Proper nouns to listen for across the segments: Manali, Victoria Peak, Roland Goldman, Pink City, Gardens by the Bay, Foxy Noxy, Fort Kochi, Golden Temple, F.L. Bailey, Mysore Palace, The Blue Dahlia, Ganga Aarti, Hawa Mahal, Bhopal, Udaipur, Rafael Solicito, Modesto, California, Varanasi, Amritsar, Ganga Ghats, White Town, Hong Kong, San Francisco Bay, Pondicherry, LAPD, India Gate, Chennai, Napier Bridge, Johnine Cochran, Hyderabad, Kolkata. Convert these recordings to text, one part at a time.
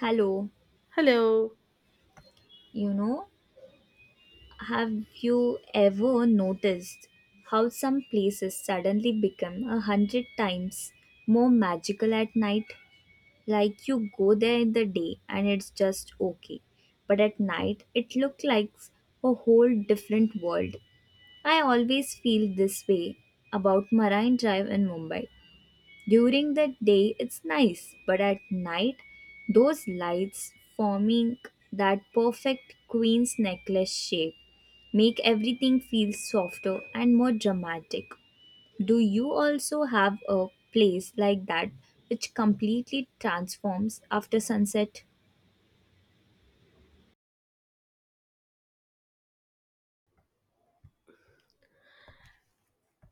Hello, Hello. you know, have you ever noticed how some places suddenly become 100 times more magical at night? Like you go there in the day and it's just okay, but at night it looks like a whole different world. I always feel this way about Marine Drive in Mumbai. During the day, it's nice, but at night, those lights forming that perfect queen's necklace shape make everything feel softer and more dramatic. Do you also have a place like that which completely transforms after sunset?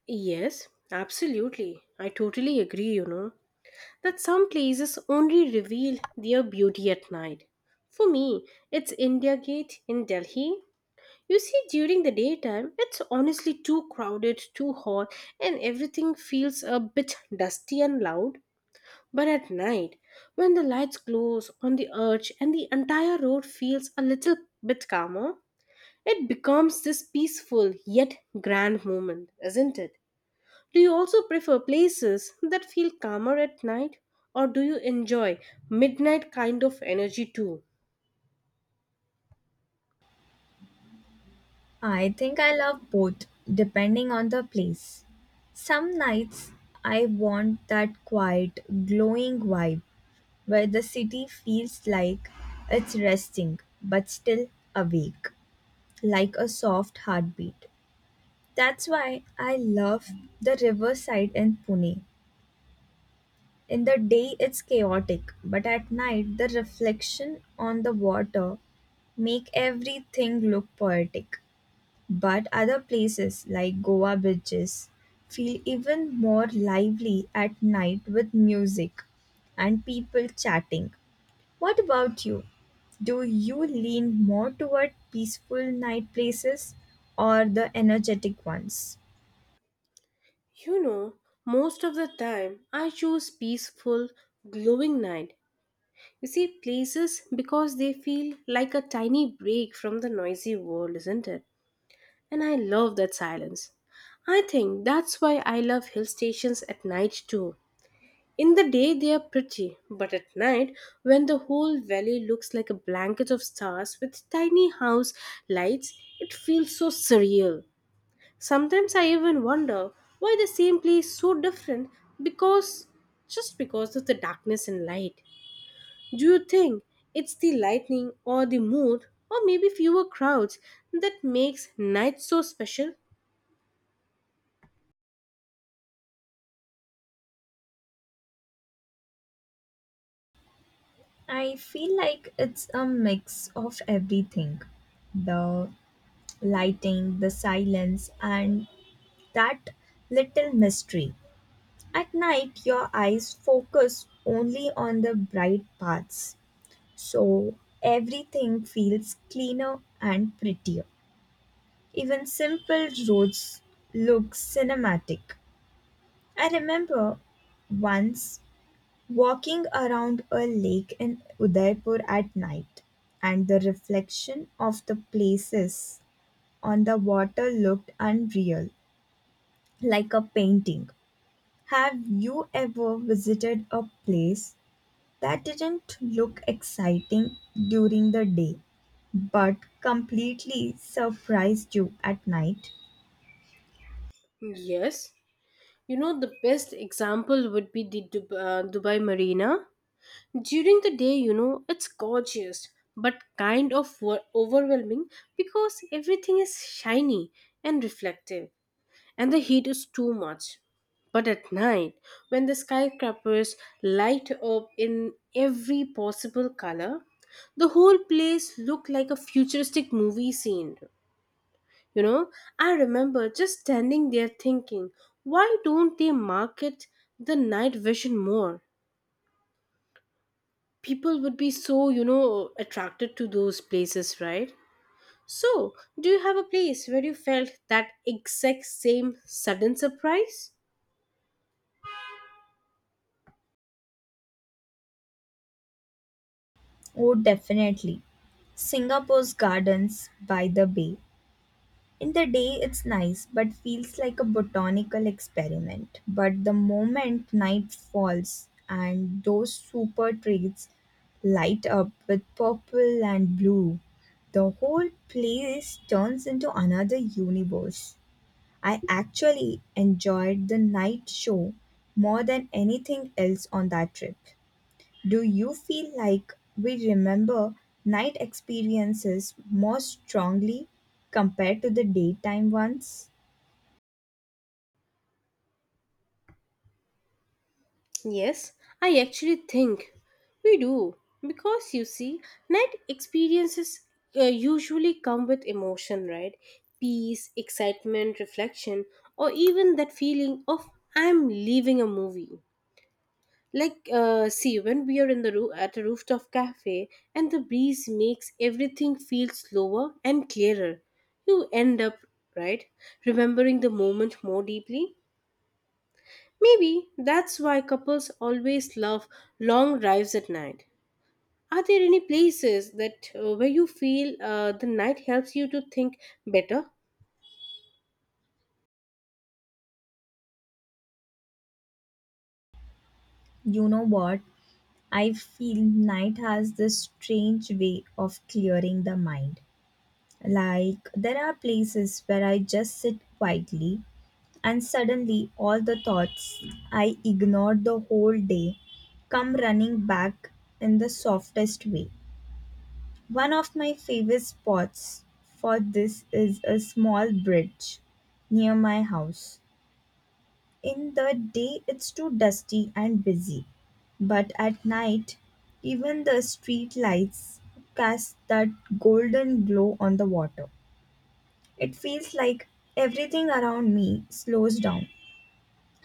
Yes, absolutely. I totally agree, that some places only reveal their beauty at night. For me, it's India Gate in Delhi. You see, during the daytime, it's honestly too crowded, too hot, and everything feels a bit dusty and loud. But at night, when the lights glows on the arch and the entire road feels a little bit calmer, it becomes this peaceful yet grand moment, isn't it? Do you also prefer places that feel calmer at night, or do you enjoy midnight kind of energy too? I think I love both, depending on the place. Some nights I want that quiet, glowing vibe, where the city feels like it's resting but still awake, like a soft heartbeat. That's why I love the riverside in Pune. In the day, it's chaotic, but at night, the reflection on the water make everything look poetic. But other places like Goa beaches feel even more lively at night with music and people chatting. What about you? Do you lean more toward peaceful night places or the energetic ones? You know, most of the time I choose peaceful, glowing night. You see, places because they feel like a tiny break from the noisy world, isn't it? And I love that silence. I think that's why I love hill stations at night too. In the day, they are pretty, but at night, when the whole valley looks like a blanket of stars with tiny house lights, it feels so surreal. Sometimes I even wonder why the same place is so different because just because of the darkness and light. Do you think it's the lightning or the mood or maybe fewer crowds that makes night so special? I feel like it's a mix of everything, the lighting, the silence, and that little mystery. At night, your eyes focus only on the bright parts, so everything feels cleaner and prettier. Even simple roads look cinematic. I remember once walking around a lake in Udaipur at night, and the reflection of the places on the water looked unreal, like a painting. Have you ever visited a place that didn't look exciting during the day but completely surprised you at night? Yes. You know, the best example would be the Dubai Marina. During the day, you know, it's gorgeous but kind of overwhelming because everything is shiny and reflective and the heat is too much. But at night, when the skyscrapers light up in every possible color, the whole place looked like a futuristic movie scene. You know, I remember just standing there thinking, why don't they market the night vision more? People would be so, you know, attracted to those places, right? So do you have a place where you felt that exact same sudden surprise? Oh, definitely. Singapore's gardens by the bay. In the day, it's nice, but feels like a botanical experiment. But the moment night falls and those super trees light up with purple and blue, the whole place turns into another universe. I actually enjoyed the night show more than anything else on that trip. Do you feel like we remember night experiences more strongly compared to the daytime ones? Yes, I actually think we do because, you see, night experiences usually come with emotion, right? Peace, excitement, reflection, or even that feeling of I'm leaving a movie. Like, see, when we are in the at a rooftop cafe and the breeze makes everything feel slower and clearer, you end up, right, remembering the moment more deeply. Maybe that's why couples always love long drives at night. Are there any places that where you feel the night helps you to think better? You know what? I feel night has this strange way of clearing the mind. Like, there are places where I just sit quietly, and suddenly all the thoughts I ignored the whole day come running back in the softest way. One of my favorite spots for this is a small bridge near my house. In the day, it's too dusty and busy, but at night, even the street lights cast that golden glow on the water. It feels like everything around me slows down.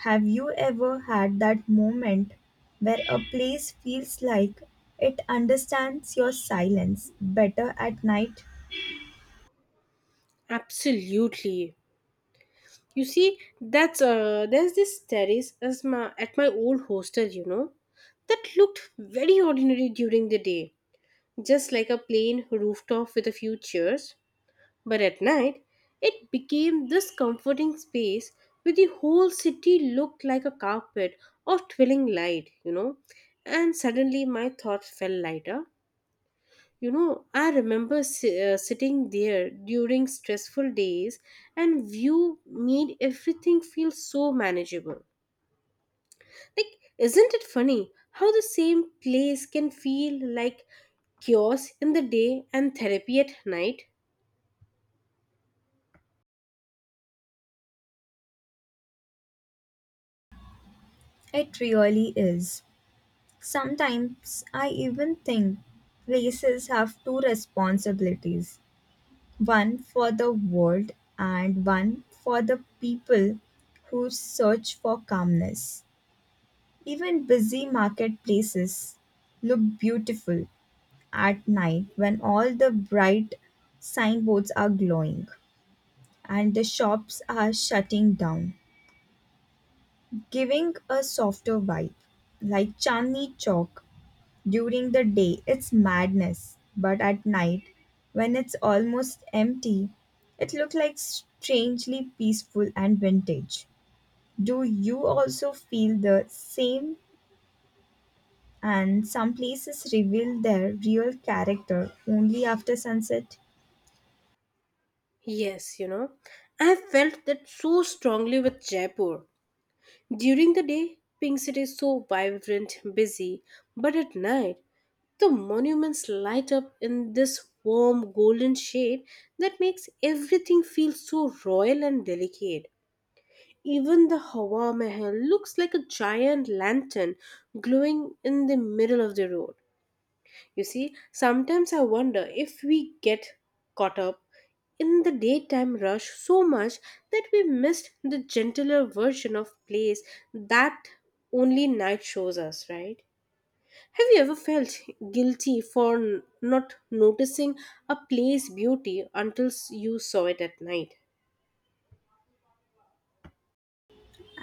Have you ever had that moment where a place feels like it understands your silence better at night? Absolutely. You see, that's there's this terrace as at my old hostel, you know, that looked very ordinary during the day, just like a plain rooftop with a few chairs. But at night, it became this comforting space where the whole city looked like a carpet of twirling light, you know. And suddenly, my thoughts felt lighter. You know, I remember sitting there during stressful days and view made everything feel so manageable. Like, isn't it funny how the same place can feel like chaos in the day and therapy at night? It really is. Sometimes I even think places have two responsibilities, one for the world and one for the people who search for calmness. Even busy marketplaces look beautiful at night when all the bright signboards are glowing and the shops are shutting down, giving a softer vibe, like Chandni Chowk. During the day, it's madness, but at night, when it's almost empty, it looks like strangely peaceful and vintage. Do you also feel the same? And some places reveal their real character only after sunset? Yes, you know, I felt that so strongly with Jaipur. During the day, Pink City is so vibrant, busy, but at night, the monuments light up in this warm golden shade that makes everything feel so royal and delicate. Even the Hawa Mahal looks like a giant lantern glowing in the middle of the road. You see, sometimes I wonder if we get caught up in the daytime rush so much that we missed the gentler version of place that only night shows us, right? Have you ever felt guilty for not noticing a play's beauty until you saw it at night?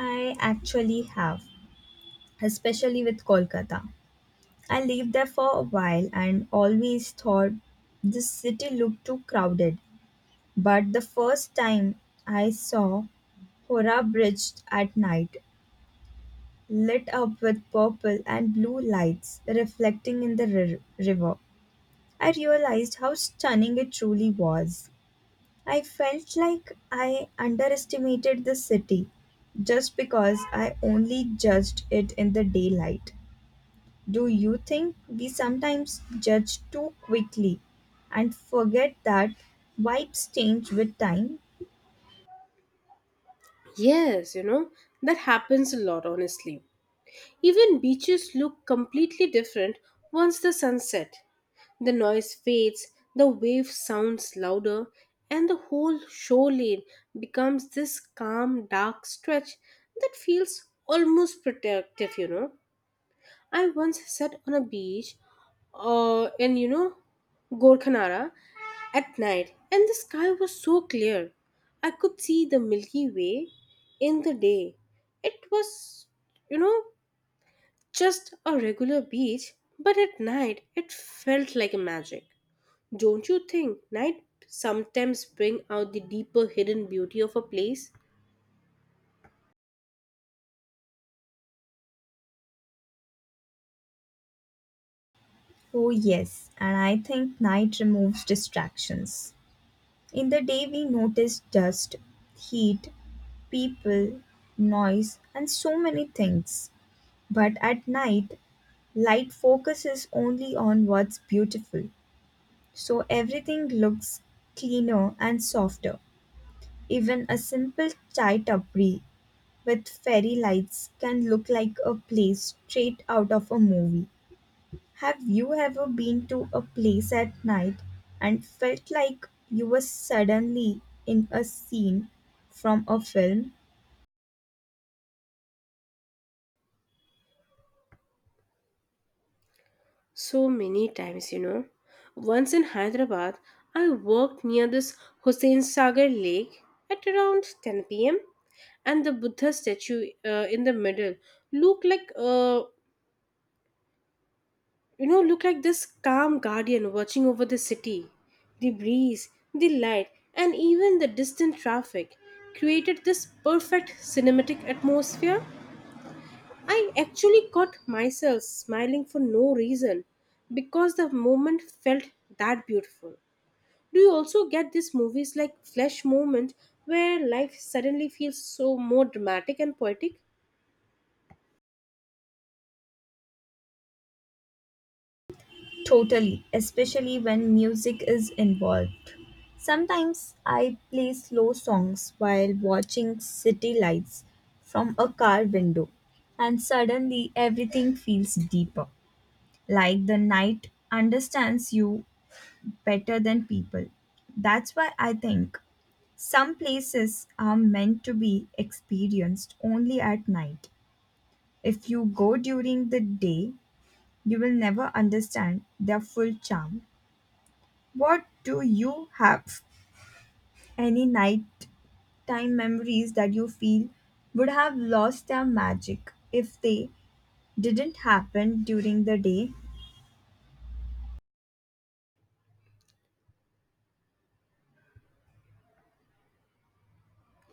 I actually have, especially with Kolkata. I lived there for a while and always thought this city looked too crowded. But the first time I saw Hora bridged at night, lit up with purple and blue lights reflecting in the river. I realized how stunning it truly was. I felt like I underestimated the city just because I only judged it in the daylight. Do you think we sometimes judge too quickly and forget that vibes change with time? Yes, you know, that happens a lot, honestly. Even beaches look completely different once the sun set. The noise fades, the wave sounds louder, and the whole shore lane becomes this calm, dark stretch that feels almost protective, you know. I once sat on a beach in, you know, Gorkhanara at night, and the sky was so clear. I could see the Milky Way in the day. It was, you know, just a regular beach, but at night it felt like a magic. Don't you think night sometimes bring out the deeper hidden beauty of a place? Oh, yes, and I think night removes distractions. In the day, we notice dust, heat, people, noise, and so many things. But at night, light focuses only on what's beautiful. So everything looks cleaner and softer. Even a simple chai tapri with fairy lights can look like a place straight out of a movie. Have you ever been to a place at night and felt like you were suddenly in a scene from a film? So many times, you know. Once in Hyderabad, I worked near this Hussein Sagar Lake at around 10 p.m., and the Buddha statue in the middle looked like, you know, looked like this calm guardian watching over the city. The breeze, the light, and even the distant traffic created this perfect cinematic atmosphere. I actually caught myself smiling for no reason because the moment felt that beautiful. Do you also get these movies like Flash moment where life suddenly feels so more dramatic and poetic? Totally, especially when music is involved. Sometimes I play slow songs while watching city lights from a car window, and suddenly everything feels deeper, like the night understands you better than people. That's why I think some places are meant to be experienced only at night. If you go during the day, you will never understand their full charm. What do you have? Any nighttime memories that you feel would have lost their magic if they didn't happen during the day?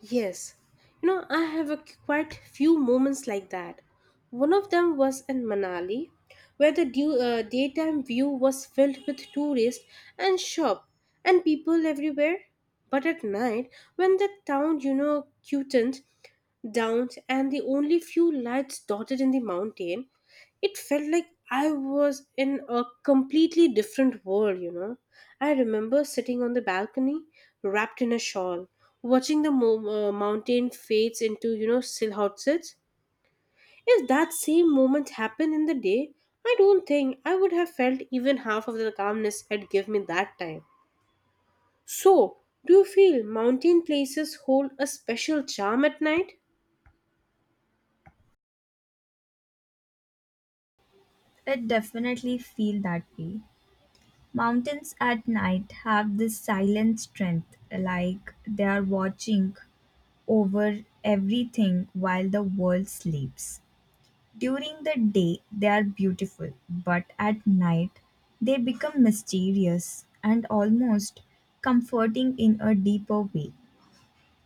Yes, you know, I have a quite few moments like that. One of them was in Manali, where the daytime view was filled with tourists and shop and people everywhere. But at night, when the town, you know, cutened down and the only few lights dotted in the mountain, it felt like I was in a completely different world, you know. I remember sitting on the balcony, wrapped in a shawl, watching the mountain fades into, you know, silhouettes. If that same moment happened in the day, I don't think I would have felt even half of the calmness it gave me that time. So, do you feel mountain places hold a special charm at night? It definitely feel that way. Mountains at night have this silent strength, like they are watching over everything while the world sleeps. During the day, they are beautiful, but at night, they become mysterious and almost comforting in a deeper way.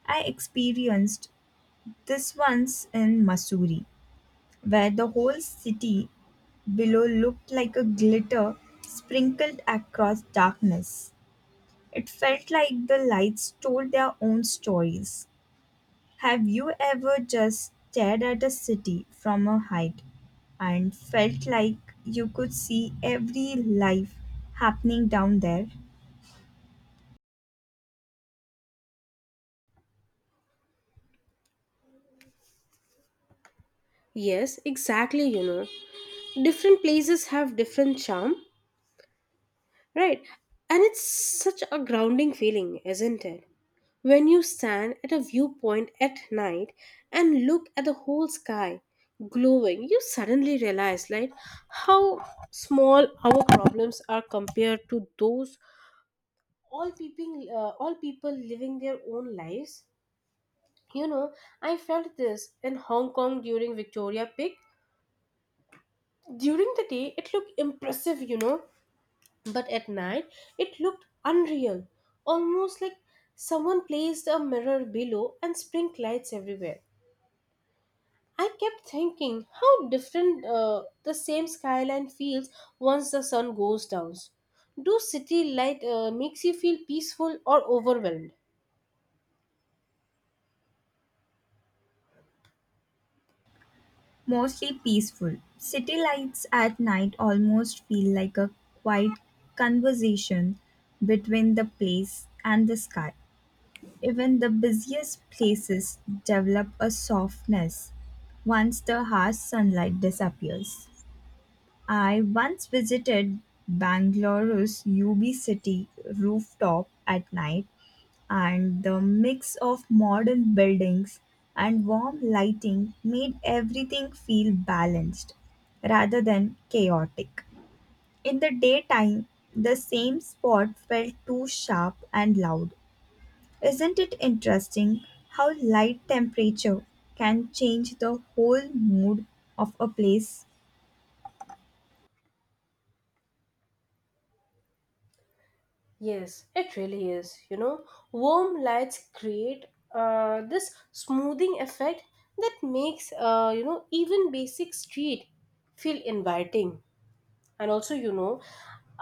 I experienced this once in Missouri, where the whole city below looked like a glitter sprinkled across darkness. It felt like the lights told their own stories. Have you ever just stared at a city from a height and felt like you could see every life happening down there? Yes, exactly, you know. Different places have different charm. Right. And it's such a grounding feeling, isn't it? When you stand at a viewpoint at night and look at the whole sky glowing, you suddenly realize like how small our problems are compared to those all people living their own lives. You know, I felt this in Hong Kong during Victoria Peak. During the day, it looked impressive, you know, but at night, it looked unreal, almost like someone placed a mirror below and sprinkled lights everywhere. I kept thinking how different the same skyline feels once the sun goes down. Do city light makes you feel peaceful or overwhelmed? Mostly peaceful. City lights at night almost feel like a quiet conversation between the place and the sky. Even the busiest places develop a softness once the harsh sunlight disappears. I once visited Bangalore's UB City rooftop at night, and the mix of modern buildings and warm lighting made everything feel balanced rather than chaotic. In the daytime, the same spot felt too sharp and loud. Isn't it interesting how light temperature can change the whole mood of a place? Yes, it really is. You know, warm lights create this smoothing effect that makes, you know, even basic street feel inviting. And also, you know,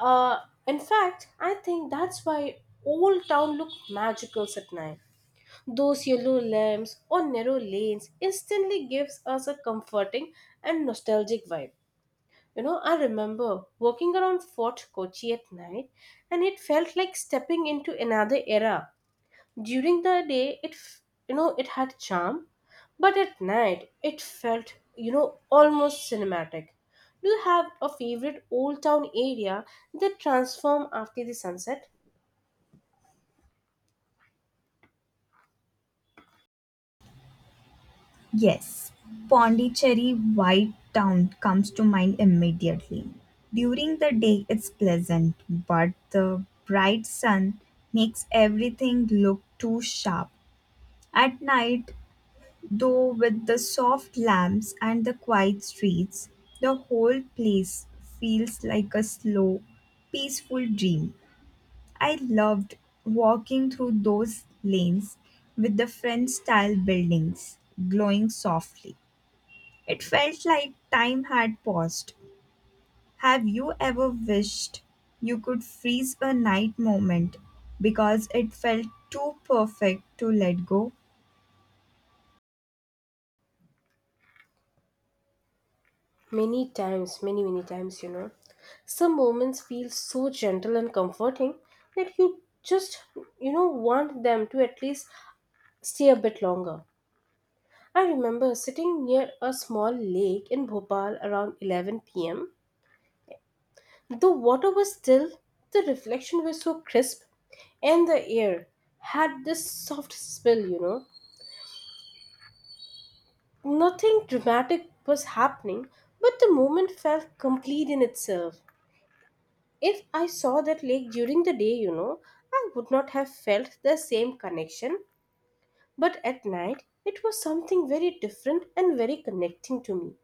uh, in fact, I think that's why old town look magical at night. Those yellow lamps or narrow lanes instantly gives us a comforting and nostalgic vibe. You know, I remember walking around Fort Kochi at night, and it felt like stepping into another era. During the day, it you know, it had charm, but at night it felt, you know, almost cinematic. Do you have a favorite old town area that transform after the sunset? Yes, Pondicherry White Town comes to mind immediately. During the day, it's pleasant, but the bright sun makes everything look too sharp. At night, though, with the soft lamps and the quiet streets, the whole place feels like a slow, peaceful dream. I loved walking through those lanes with the French style buildings glowing softly. It felt like time had paused. Have you ever wished you could freeze a night moment because it felt too perfect to let go? Many times, many times, you know, some moments feel so gentle and comforting that you just, you know, want them to at least stay a bit longer. I remember sitting near a small lake in Bhopal around 11 p.m. The water was still, the reflection was so crisp, and the air had this soft spill, you know. Nothing dramatic was happening, but the moment felt complete in itself. If I saw that lake during the day, you know, I would not have felt the same connection, but at night it was something very different and very connecting to me.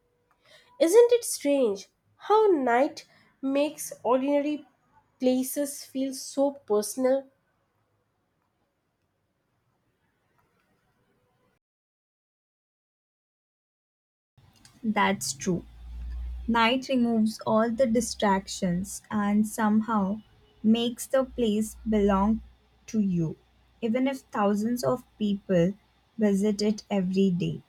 Isn't it strange how night makes ordinary places feel so personal? That's true. Night removes all the distractions and somehow makes the place belong to you, even if thousands of people visit it every day.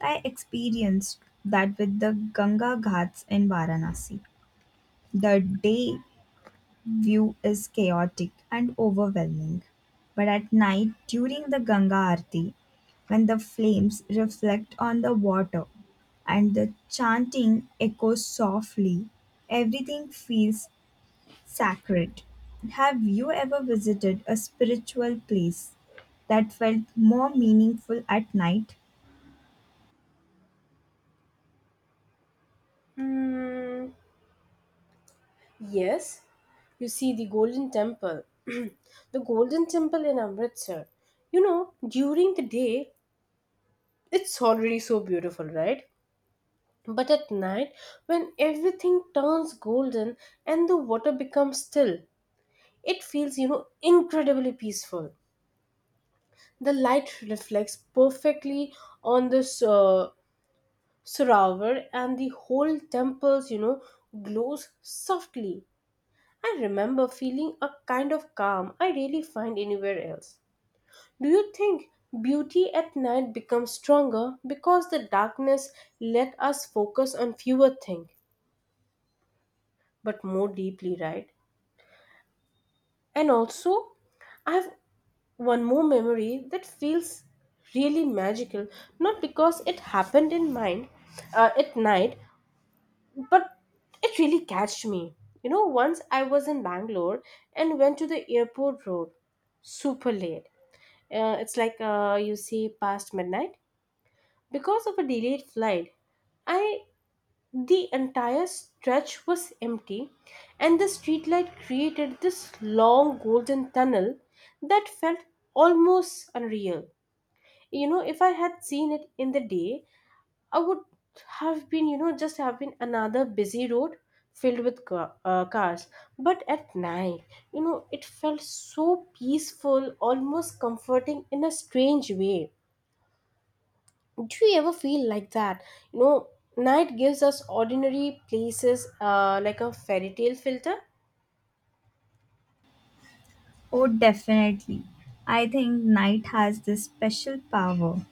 I experienced that with the Ganga Ghats in Varanasi. The day view is chaotic and overwhelming. But at night, during the Ganga Aarti, when the flames reflect on the water and the chanting echoes softly, everything feels sacred. Have you ever visited a spiritual place that felt more meaningful at night? Mm, yes, you see, the Golden Temple. The Golden Temple in Amritsar. You know, during the day, it's already so beautiful, right? But at night, when everything turns golden and the water becomes still, it feels, you know, incredibly peaceful. The light reflects perfectly on the uh, surround and the whole temples, you know, glows softly. I remember feeling a kind of calm I rarely find anywhere else. Do you think beauty at night becomes stronger because the darkness let us focus on fewer things but more deeply, right? And also, I have one more memory that feels really magical, not because it happened in mind at night, but it really catched me. You know, once I was in Bangalore and went to the airport road super late. It's like, you see, past midnight. Because of a delayed flight, I the entire stretch was empty, and the streetlight created this long golden tunnel that felt almost unreal. You know, if I had seen it in the day, I would have been, you know, just have been another busy road filled with cars. But at night, you know, it felt so peaceful, almost comforting in a strange way. Do you ever feel like that, you know, night gives us ordinary places, like a fairy tale filter? Oh, definitely. I think night has this special power.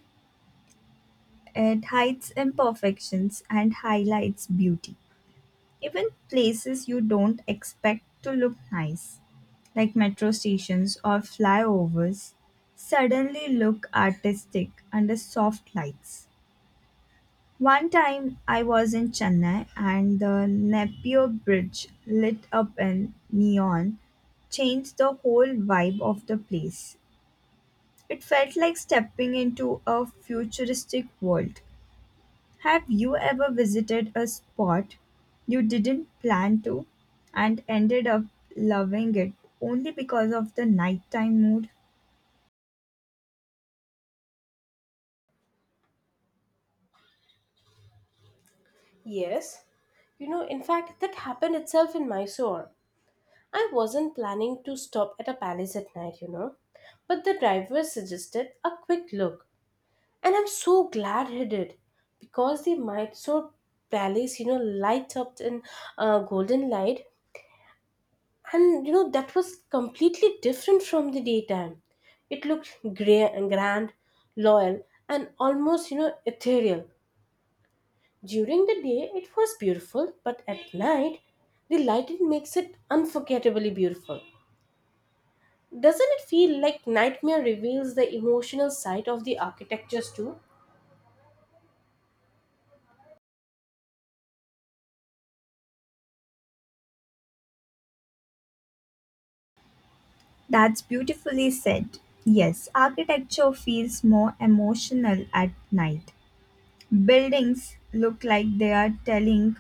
It hides imperfections and highlights beauty. Even places you don't expect to look nice, like metro stations or flyovers, suddenly look artistic under soft lights. One time I was in Chennai and the Napier Bridge lit up in neon changed the whole vibe of the place. It felt like stepping into a futuristic world. Have you ever visited a spot you didn't plan to and ended up loving it only because of the nighttime mood? Yes, you know, in fact that happened itself in Mysore. I wasn't planning to stop at a palace at night, you know, but the driver suggested a quick look, and I'm so glad he did, because the Mysore Palace, you know, light up in golden light. And you know, that was completely different from the daytime. It looked gray and grand, loyal, and almost, you know, ethereal. During the day it was beautiful, but at night the lighting makes it unforgettably beautiful. Doesn't it feel like nightmare reveals the emotional side of the architectures too? That's beautifully said. Yes, architecture feels more emotional at night. Buildings look like they are telling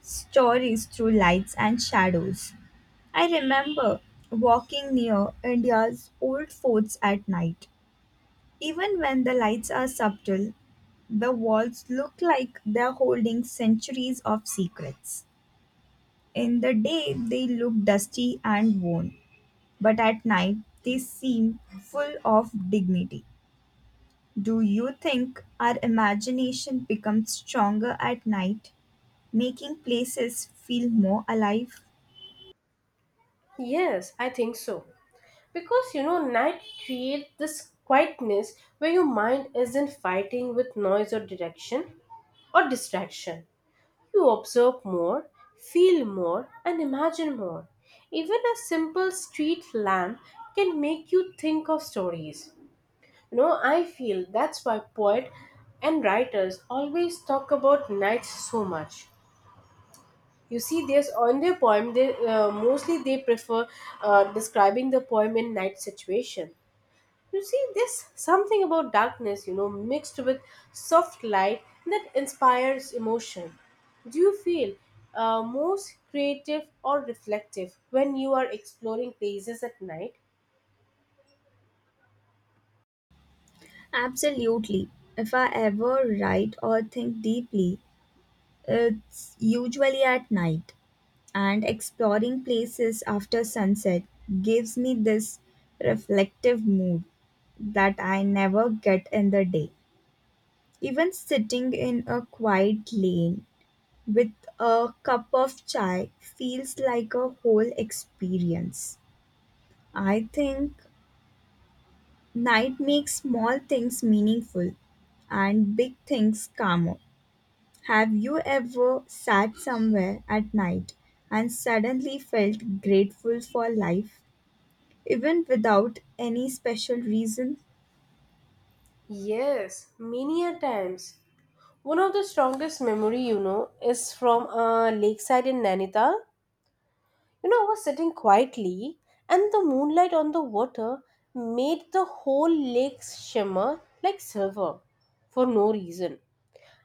stories through lights and shadows. I remember walking near India's old forts at night. Even when the lights are subtle, the walls look like they're holding centuries of secrets. In the day, they look dusty and worn, but at night, they seem full of dignity. Do you think our imagination becomes stronger at night, making places feel more alive? Yes, I think so, because, you know, night creates this quietness where your mind isn't fighting with noise or direction or distraction. You observe more, feel more, and imagine more. Even a simple street lamp can make you think of stories. You know, I feel that's why poets and writers always talk about nights so much. You see, there's on their poem, they mostly they prefer describing the poem in night situation. You see, there's something about darkness, you know, mixed with soft light that inspires emotion. Do you feel most creative or reflective when you are exploring places at night? Absolutely. If I ever write or think deeply, it's usually at night. And exploring places after sunset gives me this reflective mood that I never get in the day. Even sitting in a quiet lane with a cup of chai feels like a whole experience. I think night makes small things meaningful and big things calmer. Have you ever sat somewhere at night and suddenly felt grateful for life, even without any special reason? Yes, many a times. One of the strongest memory, you know, is from a lakeside in Nainital. You know, I was sitting quietly, and the moonlight on the water made the whole lake shimmer like silver for no reason.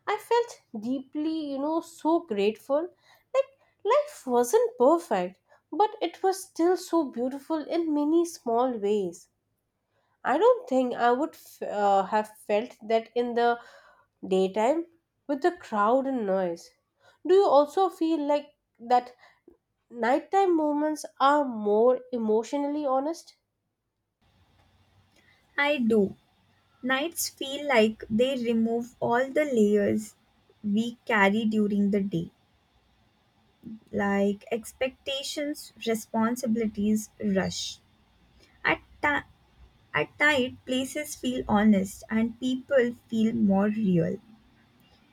I felt deeply, you know, so grateful. Like, life wasn't perfect, but it was still so beautiful in many small ways. I don't think I would have felt that in the daytime with the crowd and noise. Do you also feel like that nighttime moments are more emotionally honest? I do. Nights feel like they remove all the layers we carry during the day, like expectations, responsibilities, rush. At, ti- at night, places feel honest and people feel more real.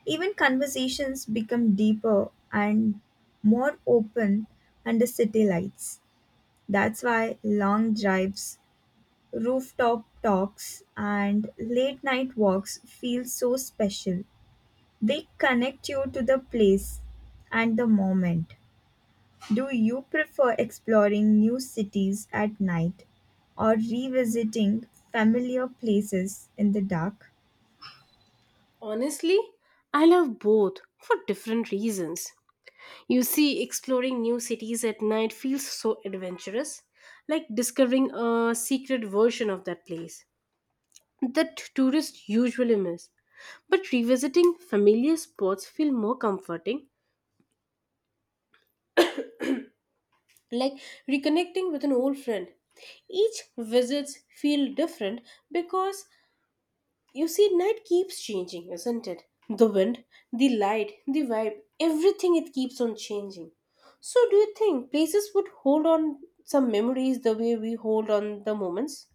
Even conversations become deeper and more open under city lights. That's why long drives, rooftop talks and late night walks feel so special. They connect you to the place and the moment. Do you prefer exploring new cities at night or revisiting familiar places in the dark? Honestly, I love both for different reasons. You see, exploring new cities at night feels so adventurous, like discovering a secret version of that place that tourists usually miss. But revisiting familiar spots feel more comforting, like reconnecting with an old friend. Each visits feel different because, you see, night keeps changing, isn't it? The wind, the light, the vibe, everything it keeps on changing. So, do you think places would hold on some memories the way we hold on the moments?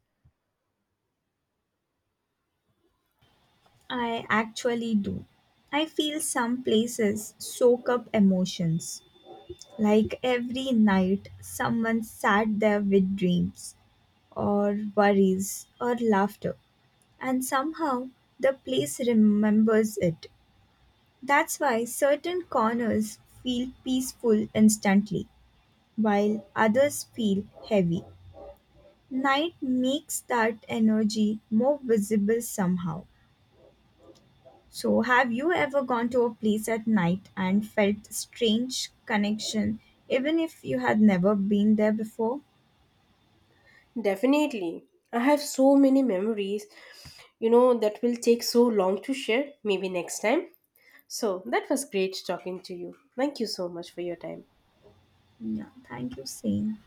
I actually do. I feel some places soak up emotions. Like every night, someone sat there with dreams, or worries, or laughter. And somehow the place remembers it. That's why certain corners feel peaceful instantly, while others feel heavy. Night makes that energy more visible somehow. So, have you ever gone to a place at night and felt strange connection, even if you had never been there before? Definitely. I have so many memories, you know, that will take so long to share, maybe next time. So, that was great talking to you. Thank you so much for your time. Yeah, thank you, same.